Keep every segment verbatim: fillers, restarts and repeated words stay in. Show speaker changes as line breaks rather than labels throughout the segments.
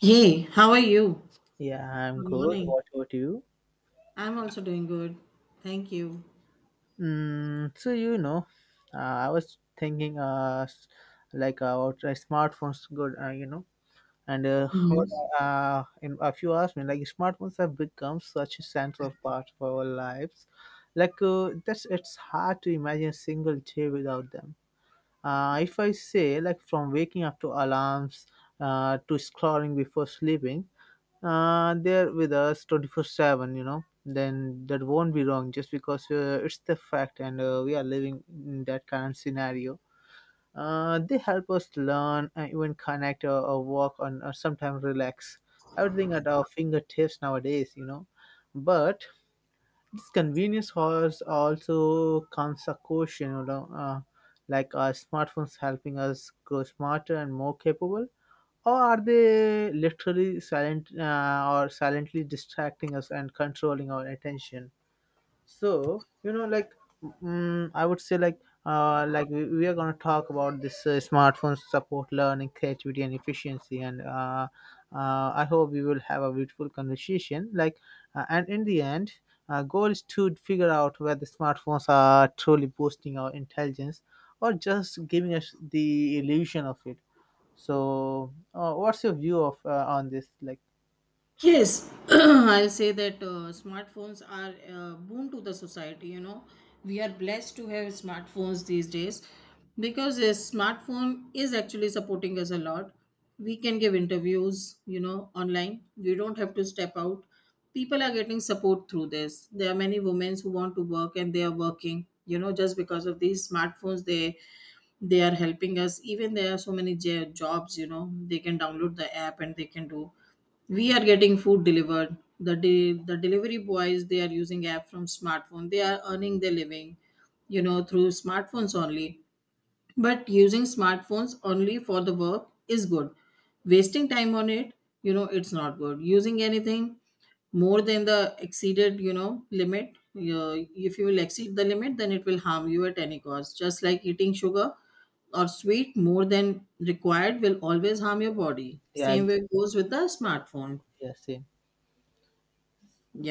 Hey, how are you?
Yeah, I'm
Good
good.
morning.
What about you?
I'm also doing good. Thank you.
Mm, so you know, uh, I was thinking, uh, s- like uh, about uh, smartphones, good, uh, you know, and uh, what,
Mhm.
uh, and if you ask me, like smartphones have become such a central part of our lives, like uh, that's it's hard to imagine a single day without them. Uh, if I say like from waking up to alarms, uh, to scrolling before sleeping, uh, they're with us twenty-four seven you know then that won't be wrong just because uh, it's the fact, and uh, we are living in that current scenario. Uh, they help us learn, uh, even connect, or, or walk on, or sometimes relax. Everything at our fingertips nowadays, you know but this convenience has also comes a caution. You know uh, like our smartphones helping us grow smarter and more capable, or are they literally silent uh, or silently distracting us and controlling our attention? So you know, like mm, I would say, like uh, like we, we are gonna talk about this, uh, smartphones support learning, creativity, and efficiency, and uh, uh, I hope we will have a beautiful conversation. Like, uh, and in the end, uh, goal is to figure out whether smartphones are truly boosting our intelligence or just giving us the illusion of it. So, uh, what's your view of uh, on this? Like,
Yes, I'll say that uh, smartphones are a boon to the society. You know, we are blessed to have smartphones these days because a smartphone is actually supporting us a lot. We can give interviews, you know, online. We don't have to step out. People are getting support through this. There are many women who want to work and they are working, you know, just because of these smartphones, they they are helping us. Even there are so many j- jobs, you know, they can download the app and they can do. We are getting food delivered, the de- the delivery boys, they are using app from smartphone, they are earning their living, you know, through smartphones only. But using smartphones only for the work is good. Wasting time on it, you know, it's not good. Using anything more than the exceeded, you know, limit, uh, if you will exceed the limit, then it will harm you at any cost, just like eating sugar or sweet more than required will always harm your body.
yeah, yes,
Same way
exactly,
goes with the smartphone.
yeah, same.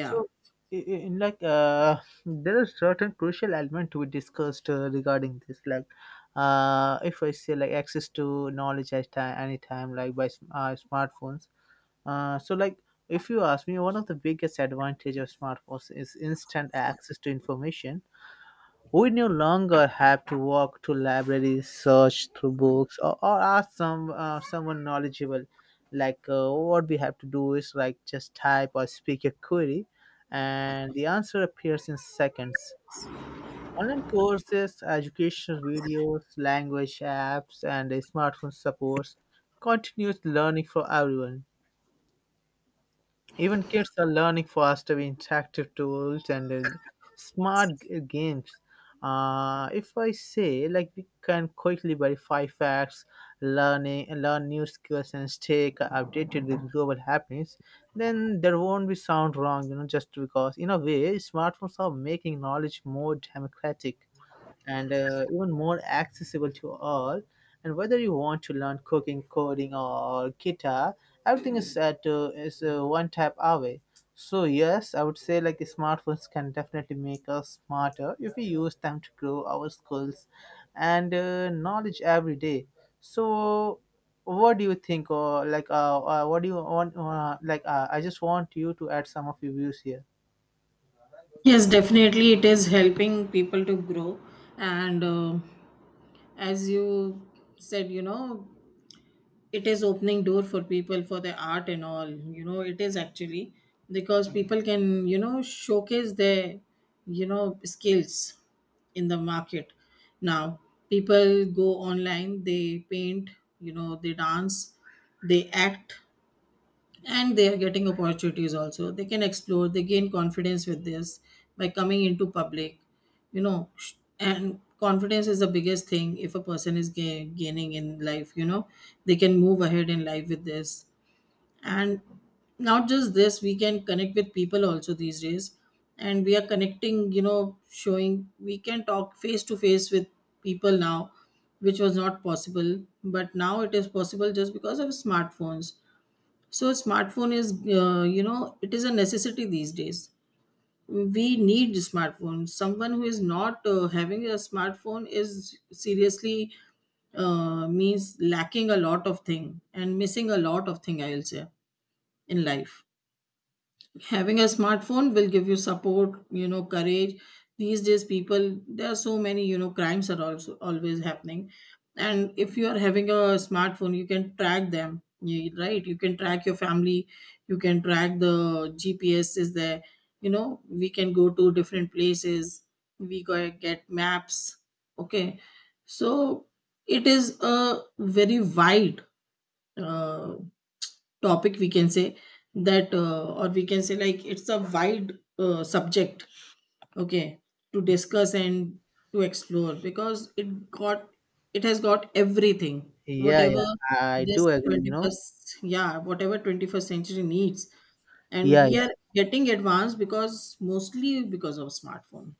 So, i- i- in like, uh, there are certain crucial element to be discussed uh, regarding this. Like, uh, if I say like access to knowledge at time, any time, like by sm- uh, smartphones. Uh, so like. If you ask me, one of the biggest advantage of smartphones is instant access to information. We no longer have to walk to libraries, search through books, or, or ask some uh, someone knowledgeable. Like uh, what we have to do is like just type or speak a query, and the answer appears in seconds. Online courses, educational videos, language apps, and uh, smartphone supports continuous learning for everyone. Even kids are learning faster with interactive tools, and uh, smart g- uh, games. Uh, if I say like we can quickly verify facts, learning uh, learn new skills, and stay c- updated with global happenings, then there won't be sound wrong, you know, just because in a way smartphones are making knowledge more democratic, and uh, even more accessible to all. And whether you want to learn cooking, coding, or guitar, everything is at uh, is uh, one tap away. So yes, I would say like smartphones can definitely make us smarter if we use them to grow our skills and uh, knowledge every day. So what do you think, or like uh, uh what do you want, uh, like uh, I just want you to add some of your views here.
Yes, definitely it is helping people to grow. And uh, as you said, you know, it is opening door for people for the art and all, you know, it is actually, because people can, you know, showcase their, you know, skills in the market now. People go online, they paint, you know, they dance, they act, and they are getting opportunities also. They can explore, they gain confidence with this by coming into public, you know, sh- and confidence is the biggest thing if a person is ga- gaining in life, you know, they can move ahead in life with this. And not just this, we can connect with people also these days, and we are connecting, you know, showing we can talk face to face with people now, which was not possible, but now it is possible just because of smartphones. So smartphone is, uh, you know, it is a necessity these days. We need smartphones. Someone who is not uh, having a smartphone is seriously uh, means lacking a lot of thing and missing a lot of thing, I will say, in life. Having a smartphone will give you support, you know, courage. These days people, there are so many, you know, crimes are also always happening, and if you are having a smartphone, you can track them, you- right, you can track your family, you can track the, GPS is there, you know, we can go to different places, we go- get maps. Okay. So it is a very wide uh, topic, we can say that, uh, or we can say like it's a wide uh, subject. Okay. To discuss and to explore, because it got it has got everything,
Yeah,
whatever
yeah, I
this
do agree, you know.
twenty-first, yeah, whatever twenty-first century needs, and
Yeah.
we are getting advanced because mostly because of smartphone.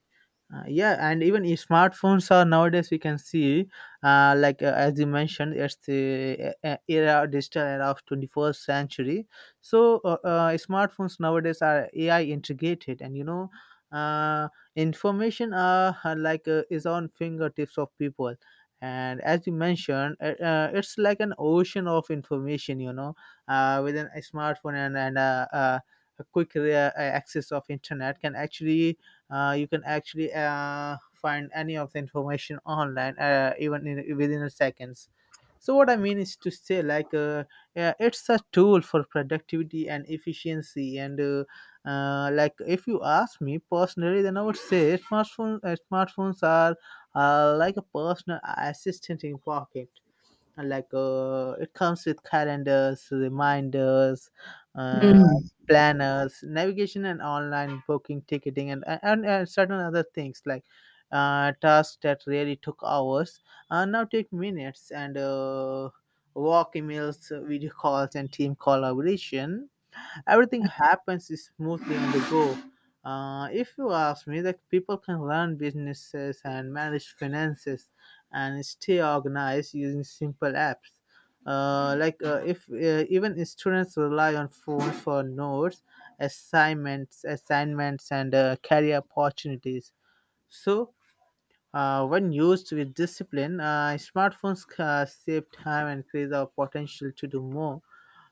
Uh, yeah, and even i- smartphones are nowadays we can see, uh, like uh, as you mentioned, it's the uh, uh, era digital era of twenty-first century. So uh, uh, smartphones nowadays are A I integrated, and you know, uh, information uh, uh, like uh, is on fingertips of people. And as you mentioned, uh, uh, it's like an ocean of information, you know, uh, with an, a smartphone, and and uh, uh, a quick uh, access of internet can actually uh, you can actually uh, find any of the information online, uh, even in, within a seconds. So what I mean is to say like uh, yeah, it's a tool for productivity and efficiency, and uh, uh, like if you ask me personally, then I would say smartphone, uh, smartphones are uh, like a personal assistant in pocket. Like uh, it comes with calendars, reminders, uh, planners, navigation, and online booking, ticketing, and and, and certain other things like uh, tasks that really took hours, uh, now take minutes, and uh, walk emails, video calls, and team collaboration, everything happens smoothly on the go. Uh, if you ask me, that people can run businesses and manage finances and stay organized using simple apps. Uh, like uh, if uh, Even students rely on phones for notes, assignments, assignments, and uh, career opportunities. So, uh, when used with discipline, uh, smartphones uh, save time and increase our potential to do more,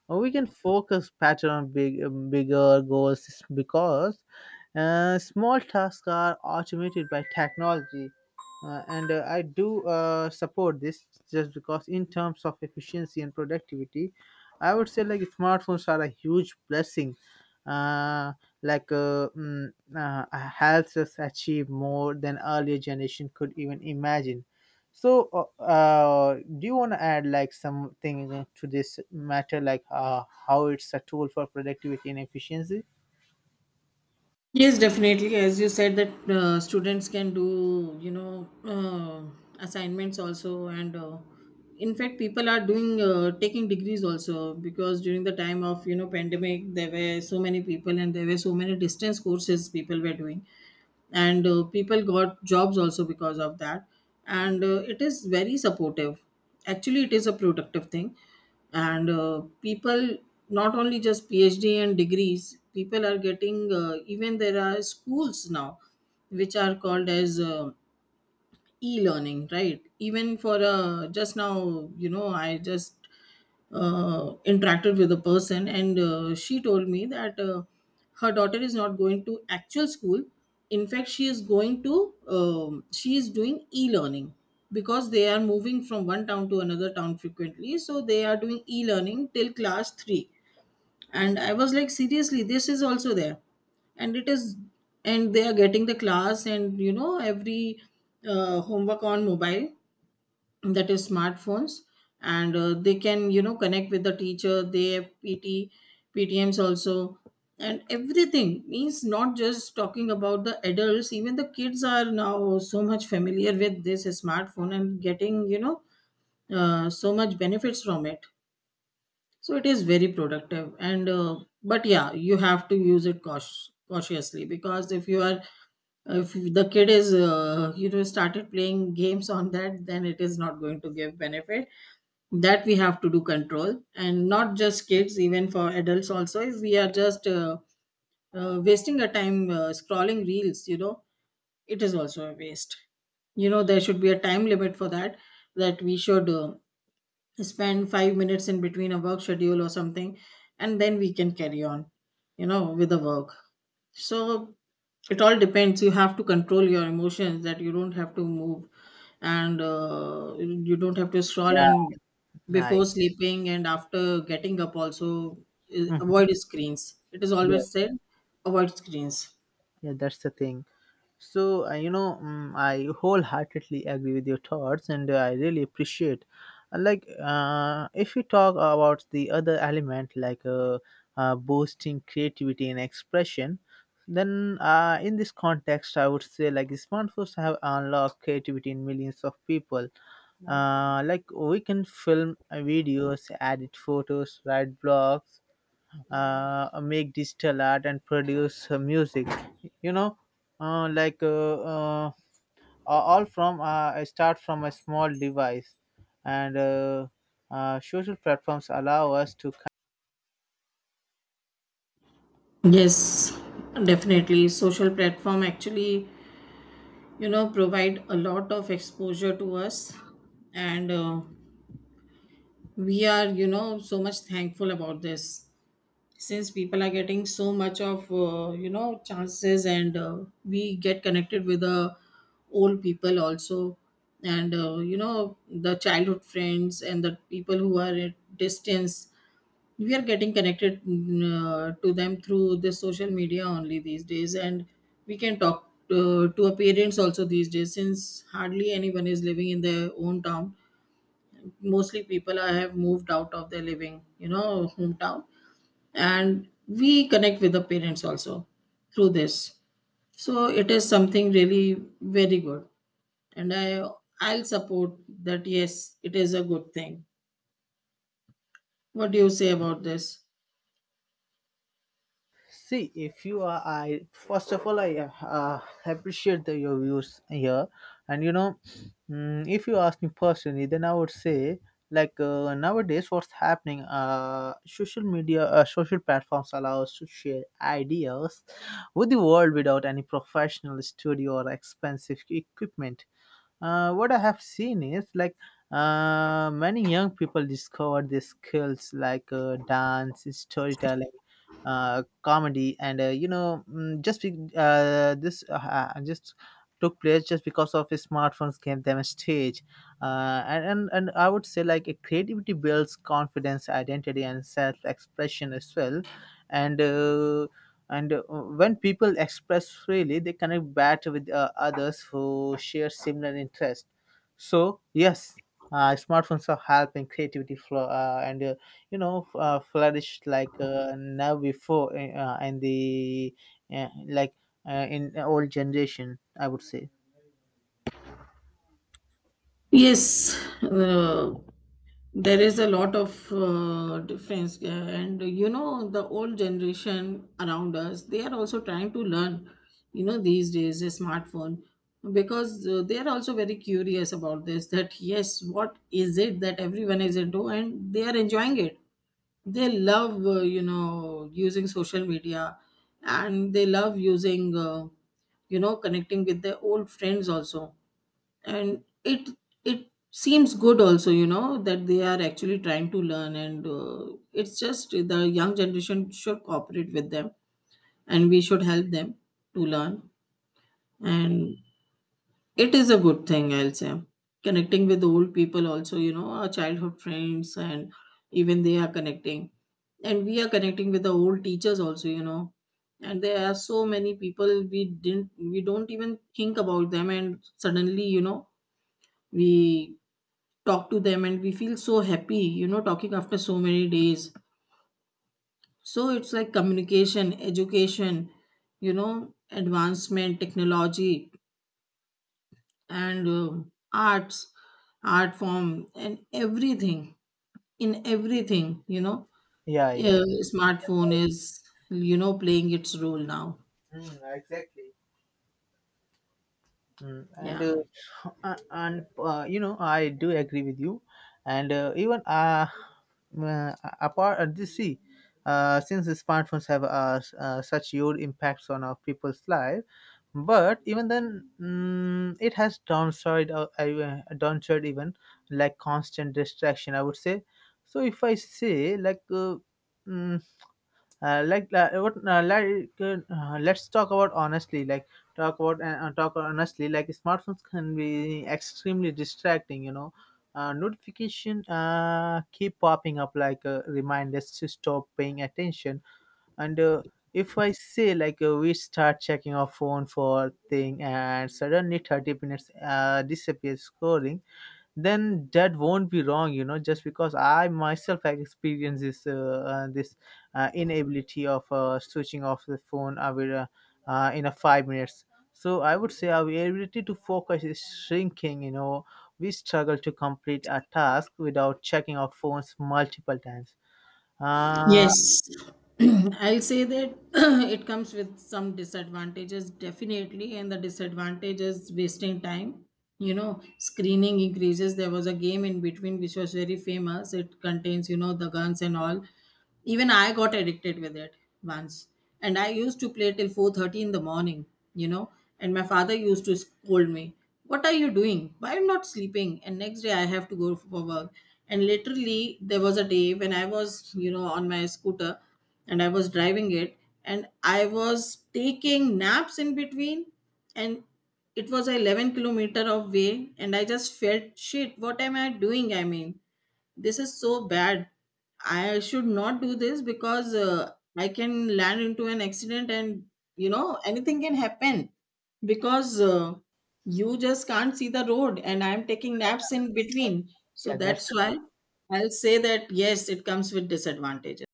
or we can focus pattern on big, um, bigger goals s- because uh, small tasks are automated by technology. Uh, and uh, I do uh, support this just because, in terms of efficiency and productivity, I would say like smartphones are a huge blessing. Uh, like uh, mm, uh, Helps us achieve more than earlier generation could even imagine. So, uh, uh, do you want to add like something to this matter, like uh, how it's a tool for productivity and efficiency?
Yes, definitely. As you said, that uh, students can do, you know, uh, assignments also, and uh, in fact, people are doing uh, taking degrees also, because during the time of, you know, pandemic, there were so many people and there were so many distance courses people were doing. And uh, people got jobs also because of that. And uh, it is very supportive, actually it is a productive thing. And uh, people, not only just phd and degrees, people are getting uh, even there are schools now which are called as uh, e-learning, right. Even for uh, just now, you know, I just uh, interacted with a person, and uh, she told me that uh, her daughter is not going to actual school. In fact, she is going to um, she is doing e-learning, because they are moving from one town to another town frequently, so they are doing e-learning till class three. And I was like, seriously, this is also there. And it is and they are getting the class, and you know every uh, homework on mobile, that is smartphones. And uh, they can, you know, connect with the teacher, they have pt ptms also. And everything means, not just talking about the adults, even the kids are now so much familiar with this smartphone and getting, you know, uh, so much benefits from it. So it is very productive. And uh, but yeah, you have to use it cautious, cautiously, because if you are if the kid is, uh, you know, started playing games on that, then it is not going to give benefit. That we have to do control. And not just kids, even for adults also, if we are just uh, uh, wasting a time uh, scrolling reels, you know, it is also a waste. You know, there should be a time limit for that, that we should uh, spend five minutes in between a work schedule or something, and then we can carry on, you know, with the work. So it all depends, you have to control your emotions, that you don't have to move, and uh, you don't have to scroll
Yeah.
and
Nice.
before sleeping and after getting up also, uh,
Mhm.
avoid screens, it is
Yeah,
always said. Avoid screens.
yeah, that's the thing. So, uh, you know, mm I wholeheartedly agree with your thoughts, and uh, I really appreciate. Uh, Like, uh, if you talk about the other element, like uh, uh, boosting creativity and expression, then uh, in this context, I would say like smartphones have unlocked creativity in millions of people. Uh, like we can film uh, videos, edit photos, write blogs, uh, make digital art, and produce uh, music, you know. Uh, like uh, uh, a- all from uh, I start from a small device, and uh, uh, social platforms allow us to
Yes, definitely. Social platform actually, you know, provide a lot of exposure to us. And uh, we are, you know, so much thankful about this, since people are getting so much of uh, you know, chances. And uh, we get connected with the old people also. And uh, you know, the childhood friends and the people who are at distance, we are getting connected, mm, uh, to them through the social media only these days. And we can talk uh, to our parents also these days, since hardly anyone is living in their own town, mostly people are, have moved out of their living, you know, hometown. And we connect with the parents also through this. So it is something really very good, and i I'll support that, yes, it is a good thing. What do you say about this?
See, if you are, I first of all, I uh, appreciate the, your views here, and you know, mm, if you ask me personally, then I would say like uh, nowadays, what's happening? Uh, social media, uh, social platforms allow us to share ideas with the world without any professional studio or expensive equipment. Uh, what I have seen is like uh, many young people discover these skills like uh, dance, storytelling, uh, comedy, and uh, you know mm, just be, uh, this uh, ha- just took place just because of his smartphones gave them a stage, uh, and, and and I would say like a creativity builds confidence, identity, and self-expression as well, and uh, and uh, when people express freely, they connect better with uh, others who share similar interests. So yes, uh, smartphones are helping creativity flow, uh, and uh, you know f- uh, flourished like uh, now before eh, uh, and the uh, like uh, in old generation I would say.
Yes, uh, there is a lot of uh, difference, uh, and you know, the old generation around us, they are also trying to learn. You know these days, a smartphone, because uh, they are also very curious about this. That yes, what is it that everyone is into, and they are enjoying it. They love uh, you know, using social media, and they love using uh, you know, connecting with their old friends also. And it it seems good also, you know, that they are actually trying to learn. And uh, it's just the young generation should cooperate with them, and we should help them to learn. And it is a good thing, I'll say, connecting with old people also, you know, our childhood friends. And even they are connecting, and we are connecting with the old teachers also, you know, and there are so many people, we didn't we don't even think about them, and suddenly, you know, we talk to them and we feel so happy, you know, talking after so many days. So it's like communication, education, you know, advancement, technology, and um arts, art form, and everything, in everything, you know,
Yeah, yeah.
uh, smartphone is, you know, playing its role now.
Mm, exactly. Mm, and
Yeah.
uh, uh, and uh, You know I do agree with you, and uh, even uh, uh apart uh, this see, uh, since the smartphones have uh, s- uh, such huge impacts on our people's life, but even then, mm, it has downside, uh, I- uh, downside even, like constant distraction I would say. So if I say like uh, mm, uh, like uh, what uh, like uh, let's talk about honestly, like talk about uh, uh, talk honestly, like smartphones can be extremely distracting, you know. Uh, notification uh, keep popping up like uh, reminders to stop paying attention. And uh, if I say like uh, we start checking our phone for thing, and suddenly thirty minutes uh, disappears scrolling, then that won't be wrong, you know, just because I myself have experienced this uh, uh, this uh, inability of uh, switching off the phone, uh, with, uh, uh, in a five minutes. So I would say our ability to focus is shrinking, you know, we struggle to complete a task without checking our phones multiple times. Uh
Yes, I'll say that it comes with some disadvantages, definitely. And the disadvantage is wasting time. You know, screening increases. There was a game in between which was very famous. It contains, you know, the guns and all. Even I got addicted with it once, and I used to play till four thirty in the morning, you know. And my father used to scold me, what are you doing, why you not sleeping, and next day I have to go for work. And literally there was a day when I was, you know, on my scooter, and I was driving it, and I was taking naps in between. And it was a eleven kilometer of way, and I just felt shit, what am I doing, I mean, this is so bad. I should not do this, because uh, I can land into an accident, and you know, anything can happen, because uh, you just can't see the road, and I'm taking naps in between. So
yeah that's
that's why I'll say that yes, it comes with disadvantages.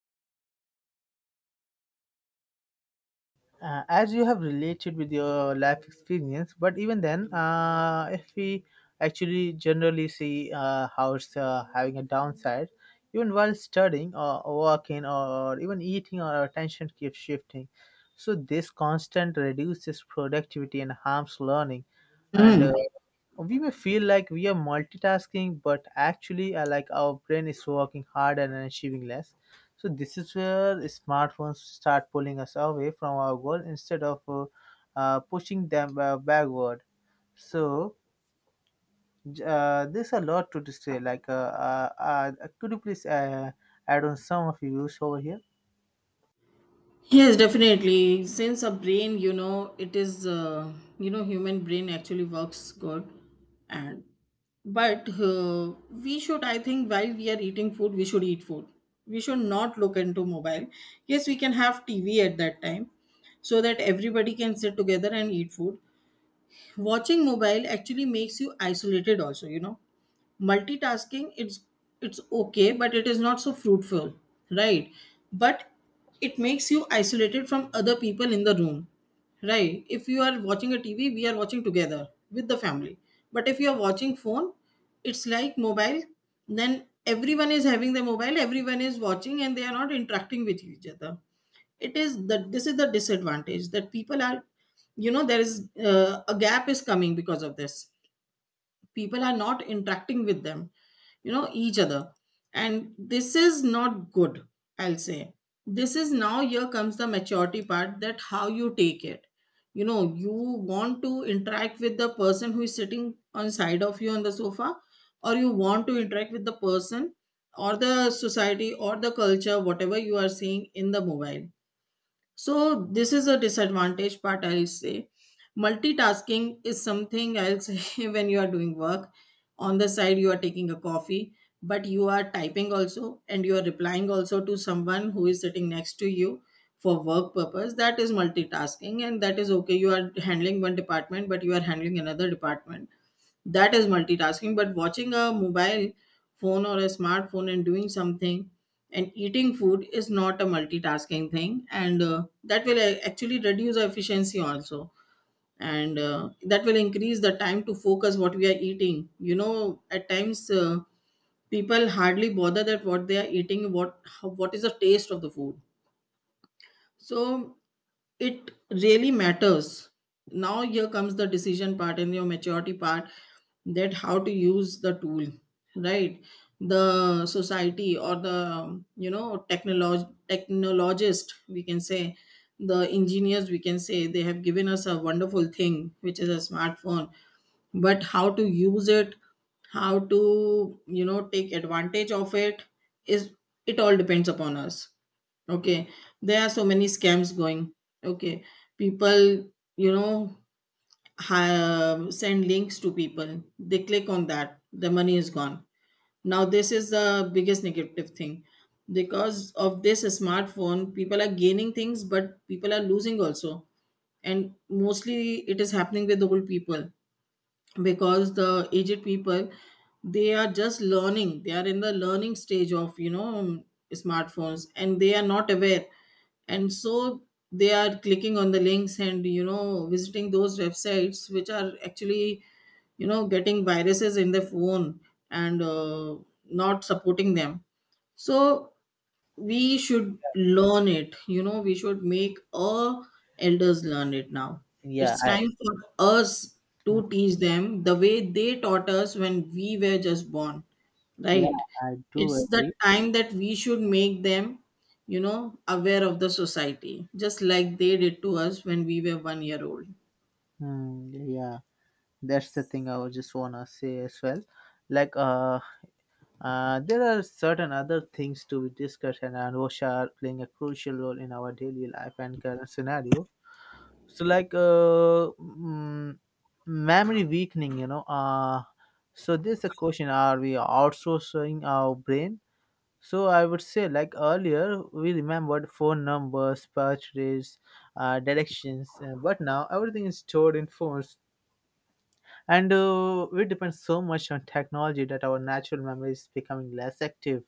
uh, As you have related with your life experience, but even then, uh, if we actually generally see uh, how it's uh, having a downside, even while studying or working or even eating, our attention keeps shifting. So this constant reduces productivity and harms learning, and
Hmm.
uh, we may feel like we are multitasking, but actually uh, like our brain is working harder and achieving less. So this is where smartphones start pulling us away from our goal instead of uh, uh, pushing them uh, backward. So j- uh, there's a lot to say. Like, uh, uh, uh, could you please uh, add on some of your views over here?
Yes, definitely. Since a brain, you know, it is, uh, you know, human brain actually works good, and but uh, we should, I think, while we are eating food, we should eat food. We should not look into mobile. Yes, we can have T V at that time, so that everybody can sit together and eat food. Watching mobile actually makes you isolated, also, you know multitasking it's it's okay, but it is not so fruitful, right? But it makes you isolated from other people in the room. Right, if you are watching a TV, we are watching together with the family, but if you are watching phone, it's like mobile, then everyone is having the mobile, everyone is watching, and they are not interacting with each other. It is that this is the disadvantage that people are, you know there is uh, a gap is coming because of this. People are not interacting with them, you know, each other, and this is not good, I'll say. This is now here comes the maturity part, that how you take it, you know. You want to interact with the person who is sitting on side of you on the sofa, or you want to interact with the person or the society or the culture, whatever you are seeing in the mobile. So this is a disadvantage part, I'll say. Multitasking is something, I'll say, when you are doing work. On the side, you are taking a coffee, but you are typing also, and you are replying also to someone who is sitting next to you for work purpose. That is multitasking, and that is okay. You are handling one department, but you are handling another department. That is multitasking. But watching a mobile phone or a smartphone and doing something and eating food is not a multitasking thing, and uh, that will uh, actually reduce our efficiency also, and uh, that will increase the time to focus what we are eating, you know. At times, uh, people hardly bother that what they are eating, what, how, what is the taste of the food. So it really matters. Now here comes the decision part and your maturity part, that how to use the tool, right? The society, or the, you know, technolog technologist we can say, the engineers we can say, they have given us a wonderful thing, which is a smartphone, but how to use it, how to, you know, take advantage of it, is it all depends upon us. Okay, there are so many scams going. Okay, people, you know, have, send links to people. They click on that, the money is gone. Now, this is the biggest negative thing. Because of this smartphone, people are gaining things, but people are losing also. And mostly it is happening with old people, because the aged people, they are just learning, they are in the learning stage of, you know, um, smartphones, and they are not aware. And so they are clicking on the links and, you know, visiting those websites which are actually, you know, getting viruses in their phone and uh, not supporting them. So we should learn it, you know. We should make our elders learn it. Now
Yeah,
it's
I
time for us to teach them the way they taught us when we were just born,
Yeah,
right?
I do
It's the
agree.
time that we should make them, you know, aware of the society, just like they did to us when we were one year old.
Hmm, yeah, that's the thing I was just wanna say as well. Like, uh, uh, there are certain other things to be discussed, and uh, Russia are playing a crucial role in our daily life and current scenario. So like uh, mm, memory weakening, you know uh so this is a question, are we outsourcing our brain? So I would say, like earlier we remembered phone numbers, purchases, uh, directions, uh, but now everything is stored in phones. And uh, we depend so much on technology that our natural memory is becoming less active.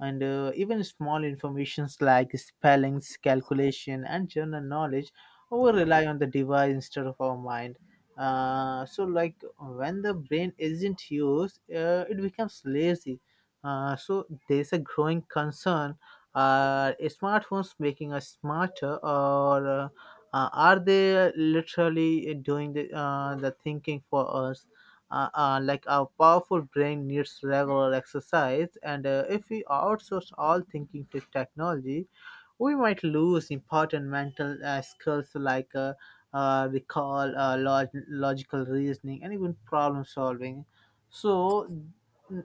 And uh, even small informations like spellings, calculation and general knowledge, over rely on the device instead of our mind. Uh, so like when the brain isn't used, uh, it becomes lazy. Uh, so there's a growing concern: are smartphones making us smarter, or uh, uh, are they literally doing the, uh, the thinking for us? Uh, uh, like our powerful brain needs regular exercise, and uh, if we outsource all thinking to technology, we might lose important mental uh, skills like uh, uh, recall, uh, log- logical reasoning and even problem solving. so n-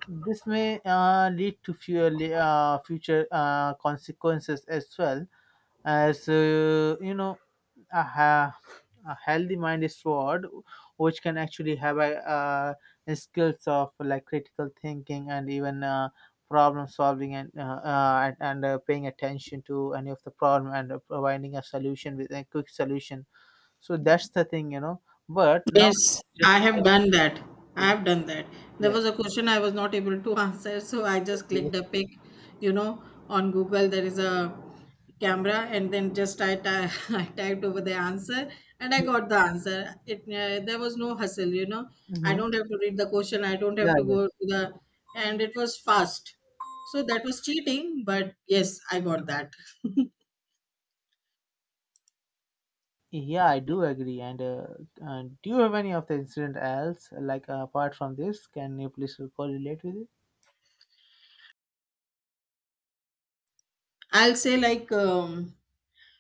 this may uh, lead to fewer, uh, future uh, consequences as well. As uh, you know a, ha- A healthy mind is toward, which can actually have a, uh, a skills of, like, critical thinking and even uh, problem solving, and uh, uh, and, and uh, paying attention to any of the problem, and uh, providing a solution with a quick solution. So that's the thing, you know. But now,
Yes, I
just,
have done that. I
yeah.
have done that. There
Yeah,
was a question I was not able to answer, so I just
yeah.
clicked a pic, you know, on Google. There is a camera, and then just I, ty- I typed over the answer, and I got the answer. It uh, there was no hustle, you know. I
Hmm.
don't have to read the question. I don't have to
Yeah,
go to the, and it was fast. So that was cheating, but yes, I got that.
yeah, I do agree. And uh, uh, do you have any of the incident else, like, uh, apart from this? Can you please correlate with it?
I'll say, like, um,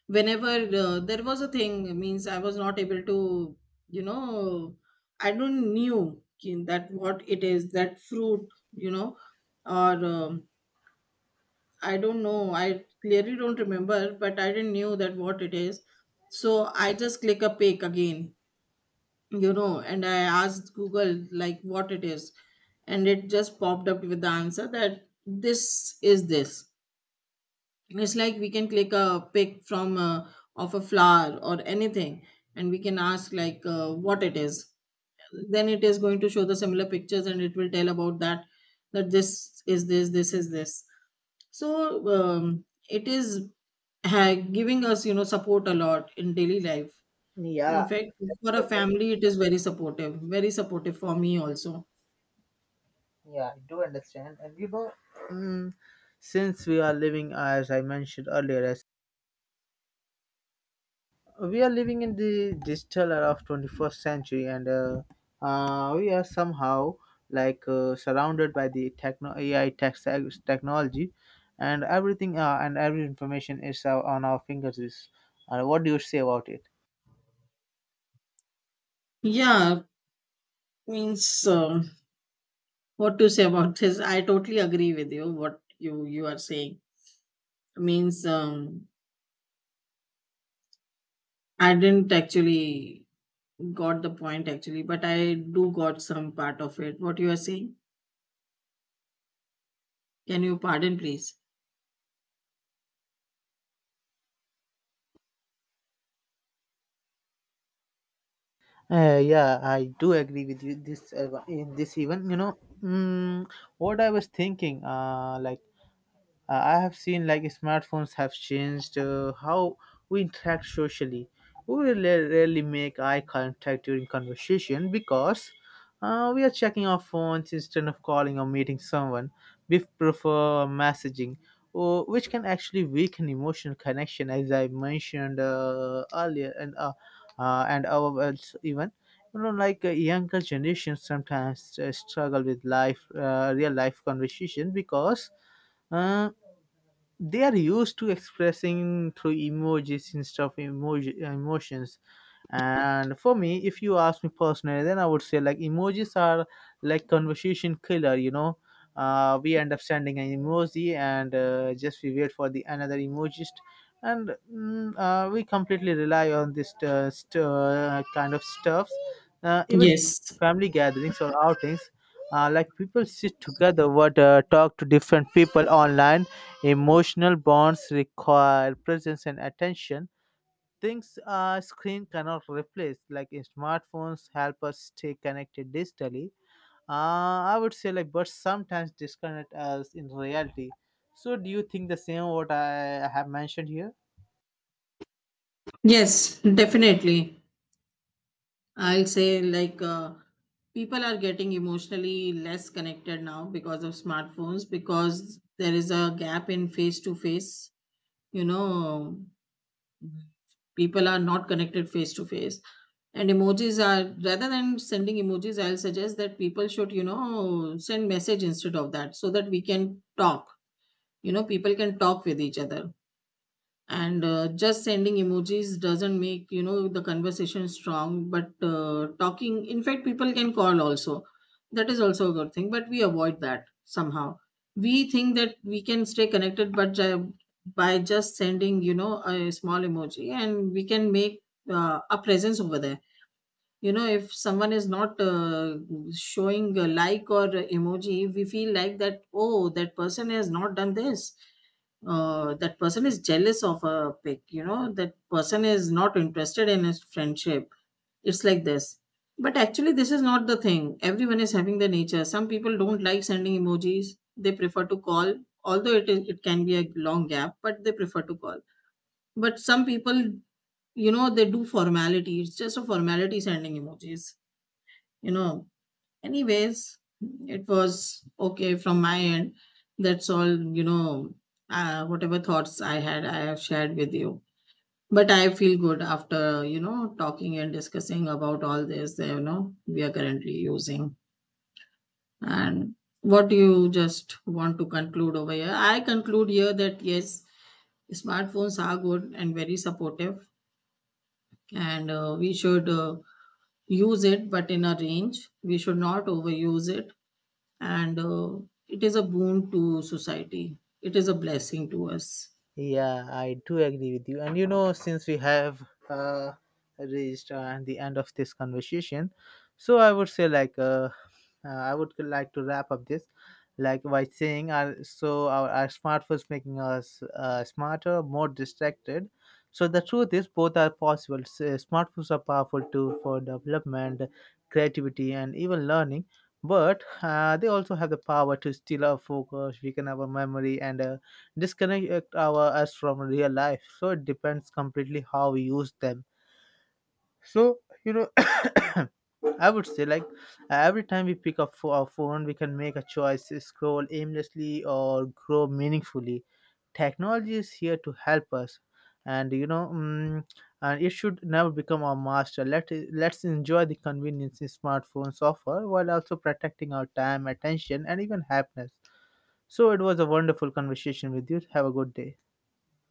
whenever uh, there was a thing, means I was not able to, you know, I don't knew ki- that what it is, that fruit, you know, or um, I don't know, I clearly don't remember, but I didn't knew that what it is. So I just click a pic again, you know, and I asked Google like what it is, and it just popped up with the answer that this is this. It's like we can click a pic from uh, of a flower or anything, and we can ask like uh, what it is, then it is going to show the similar pictures, and it will tell about that, that this is this, this is this. So um, it is, ha- giving us, you know, support a lot in daily life. In
Yeah.
fact, for a family, it is very supportive, very supportive for me also.
Yeah, I do understand. And you know, mm, since we are living, as I mentioned earlier, as we are living in the digital era of twenty-first century, and uh, uh, we are somehow like uh, surrounded by the techno A I tech technology, and everything, uh, and every information is uh, on our fingertips. Uh, what do you say about it?
Yeah, means, um, what to say about this, I totally agree with you, what you you are saying. Means, um, I didn't actually got the point actually, but I do got some part of it. What you are saying? Can you pardon, please?
Uh, yeah, I do agree with you. This, uh, in this even, you know, mm, what I was thinking, uh, like Uh, I have seen like smartphones have changed uh, how we interact socially. We rarely rarely make eye contact during conversation, because uh, we are checking our phones instead of calling or meeting someone. We prefer messaging, uh, which can actually weaken emotional connection, as I mentioned uh, earlier, and uh, uh, and ourselves even. You know, like uh, younger generations sometimes uh, struggle with life, uh, real life conversation because. Uh, they are used to expressing through emojis instead of emoji, emotions. And for me, if you ask me personally, then I would say like emojis are like conversation killer, you know. Uh, we end up sending an emoji, and uh, just we wait for the another emojis. And mm, uh, we completely rely on this uh, st- uh, kind of stuffs, uh, even
Yes,
family gatherings or outings, uh, like people sit together, what, uh, talk to different people online. Emotional bonds require presence and attention. Things a screen cannot replace, like in smartphones, help us stay connected digitally. Uh, I would say like, but sometimes disconnect us in reality. So, do you think the same what I have mentioned here?
yes, definitely. I'll say, like, uh, people are getting emotionally less connected now because of smartphones, because there is a gap in face to face, you know, people are not connected face to face. And emojis are, rather than sending emojis, I'll suggest that people should, you know, send message instead of that, so that we can talk, you know, people can talk with each other. And uh, just sending emojis doesn't make, you know, the conversation strong, but uh, talking, in fact people can call also, that is also a good thing, but we avoid that somehow. We think that we can stay connected, but ju- by just sending, you know, a small emoji, and we can make uh, a presence over there, you know. If someone is not uh, showing a like or emoji, we feel like that, oh, that person has not done this, uh, that person is jealous of a pig, you know, that person is not interested in his friendship, it's like this. But actually this is not the thing, everyone is having the nature, some people don't like sending emojis, they prefer to call, although it is, it can be a long gap, but they prefer to call. But some people, you know, they do formality, it's just a formality sending emojis, you know. Anyways, it was okay from my end. That's all, you know, uh, whatever thoughts I had, I have shared with you. But I feel good after, you know, talking and discussing about all this, you know, we are currently using. And what do you just want to conclude over here? I conclude here that yes, smartphones are good and very supportive, and uh, we should uh, use it, but in a range. We should not overuse it, and uh, it is a boon to society. It is a blessing to us.
Yeah, I do agree with you. And you know, since we have uh, reached uh, the end of this conversation, so I would say like uh, uh, I would like to wrap up this, like, by saying our, so our, our smartphones making us uh, smarter, more distracted. So the truth is, both are possible. S- uh, Smartphones are powerful too for development, creativity, and even learning. But uh, they also have the power to steal our focus, weaken our memory, and uh, disconnect our us from real life. So it depends completely how we use them. So, you know, I would say, like, every time we pick up fo- our phone, we can make a choice: scroll aimlessly or grow meaningfully. Technology is here to help us, and you know, mm, and it should never become our master. Let it, let's enjoy the convenience smartphones offer, while also protecting our time, attention and even happiness. So, it was a wonderful conversation with you. Have a good day.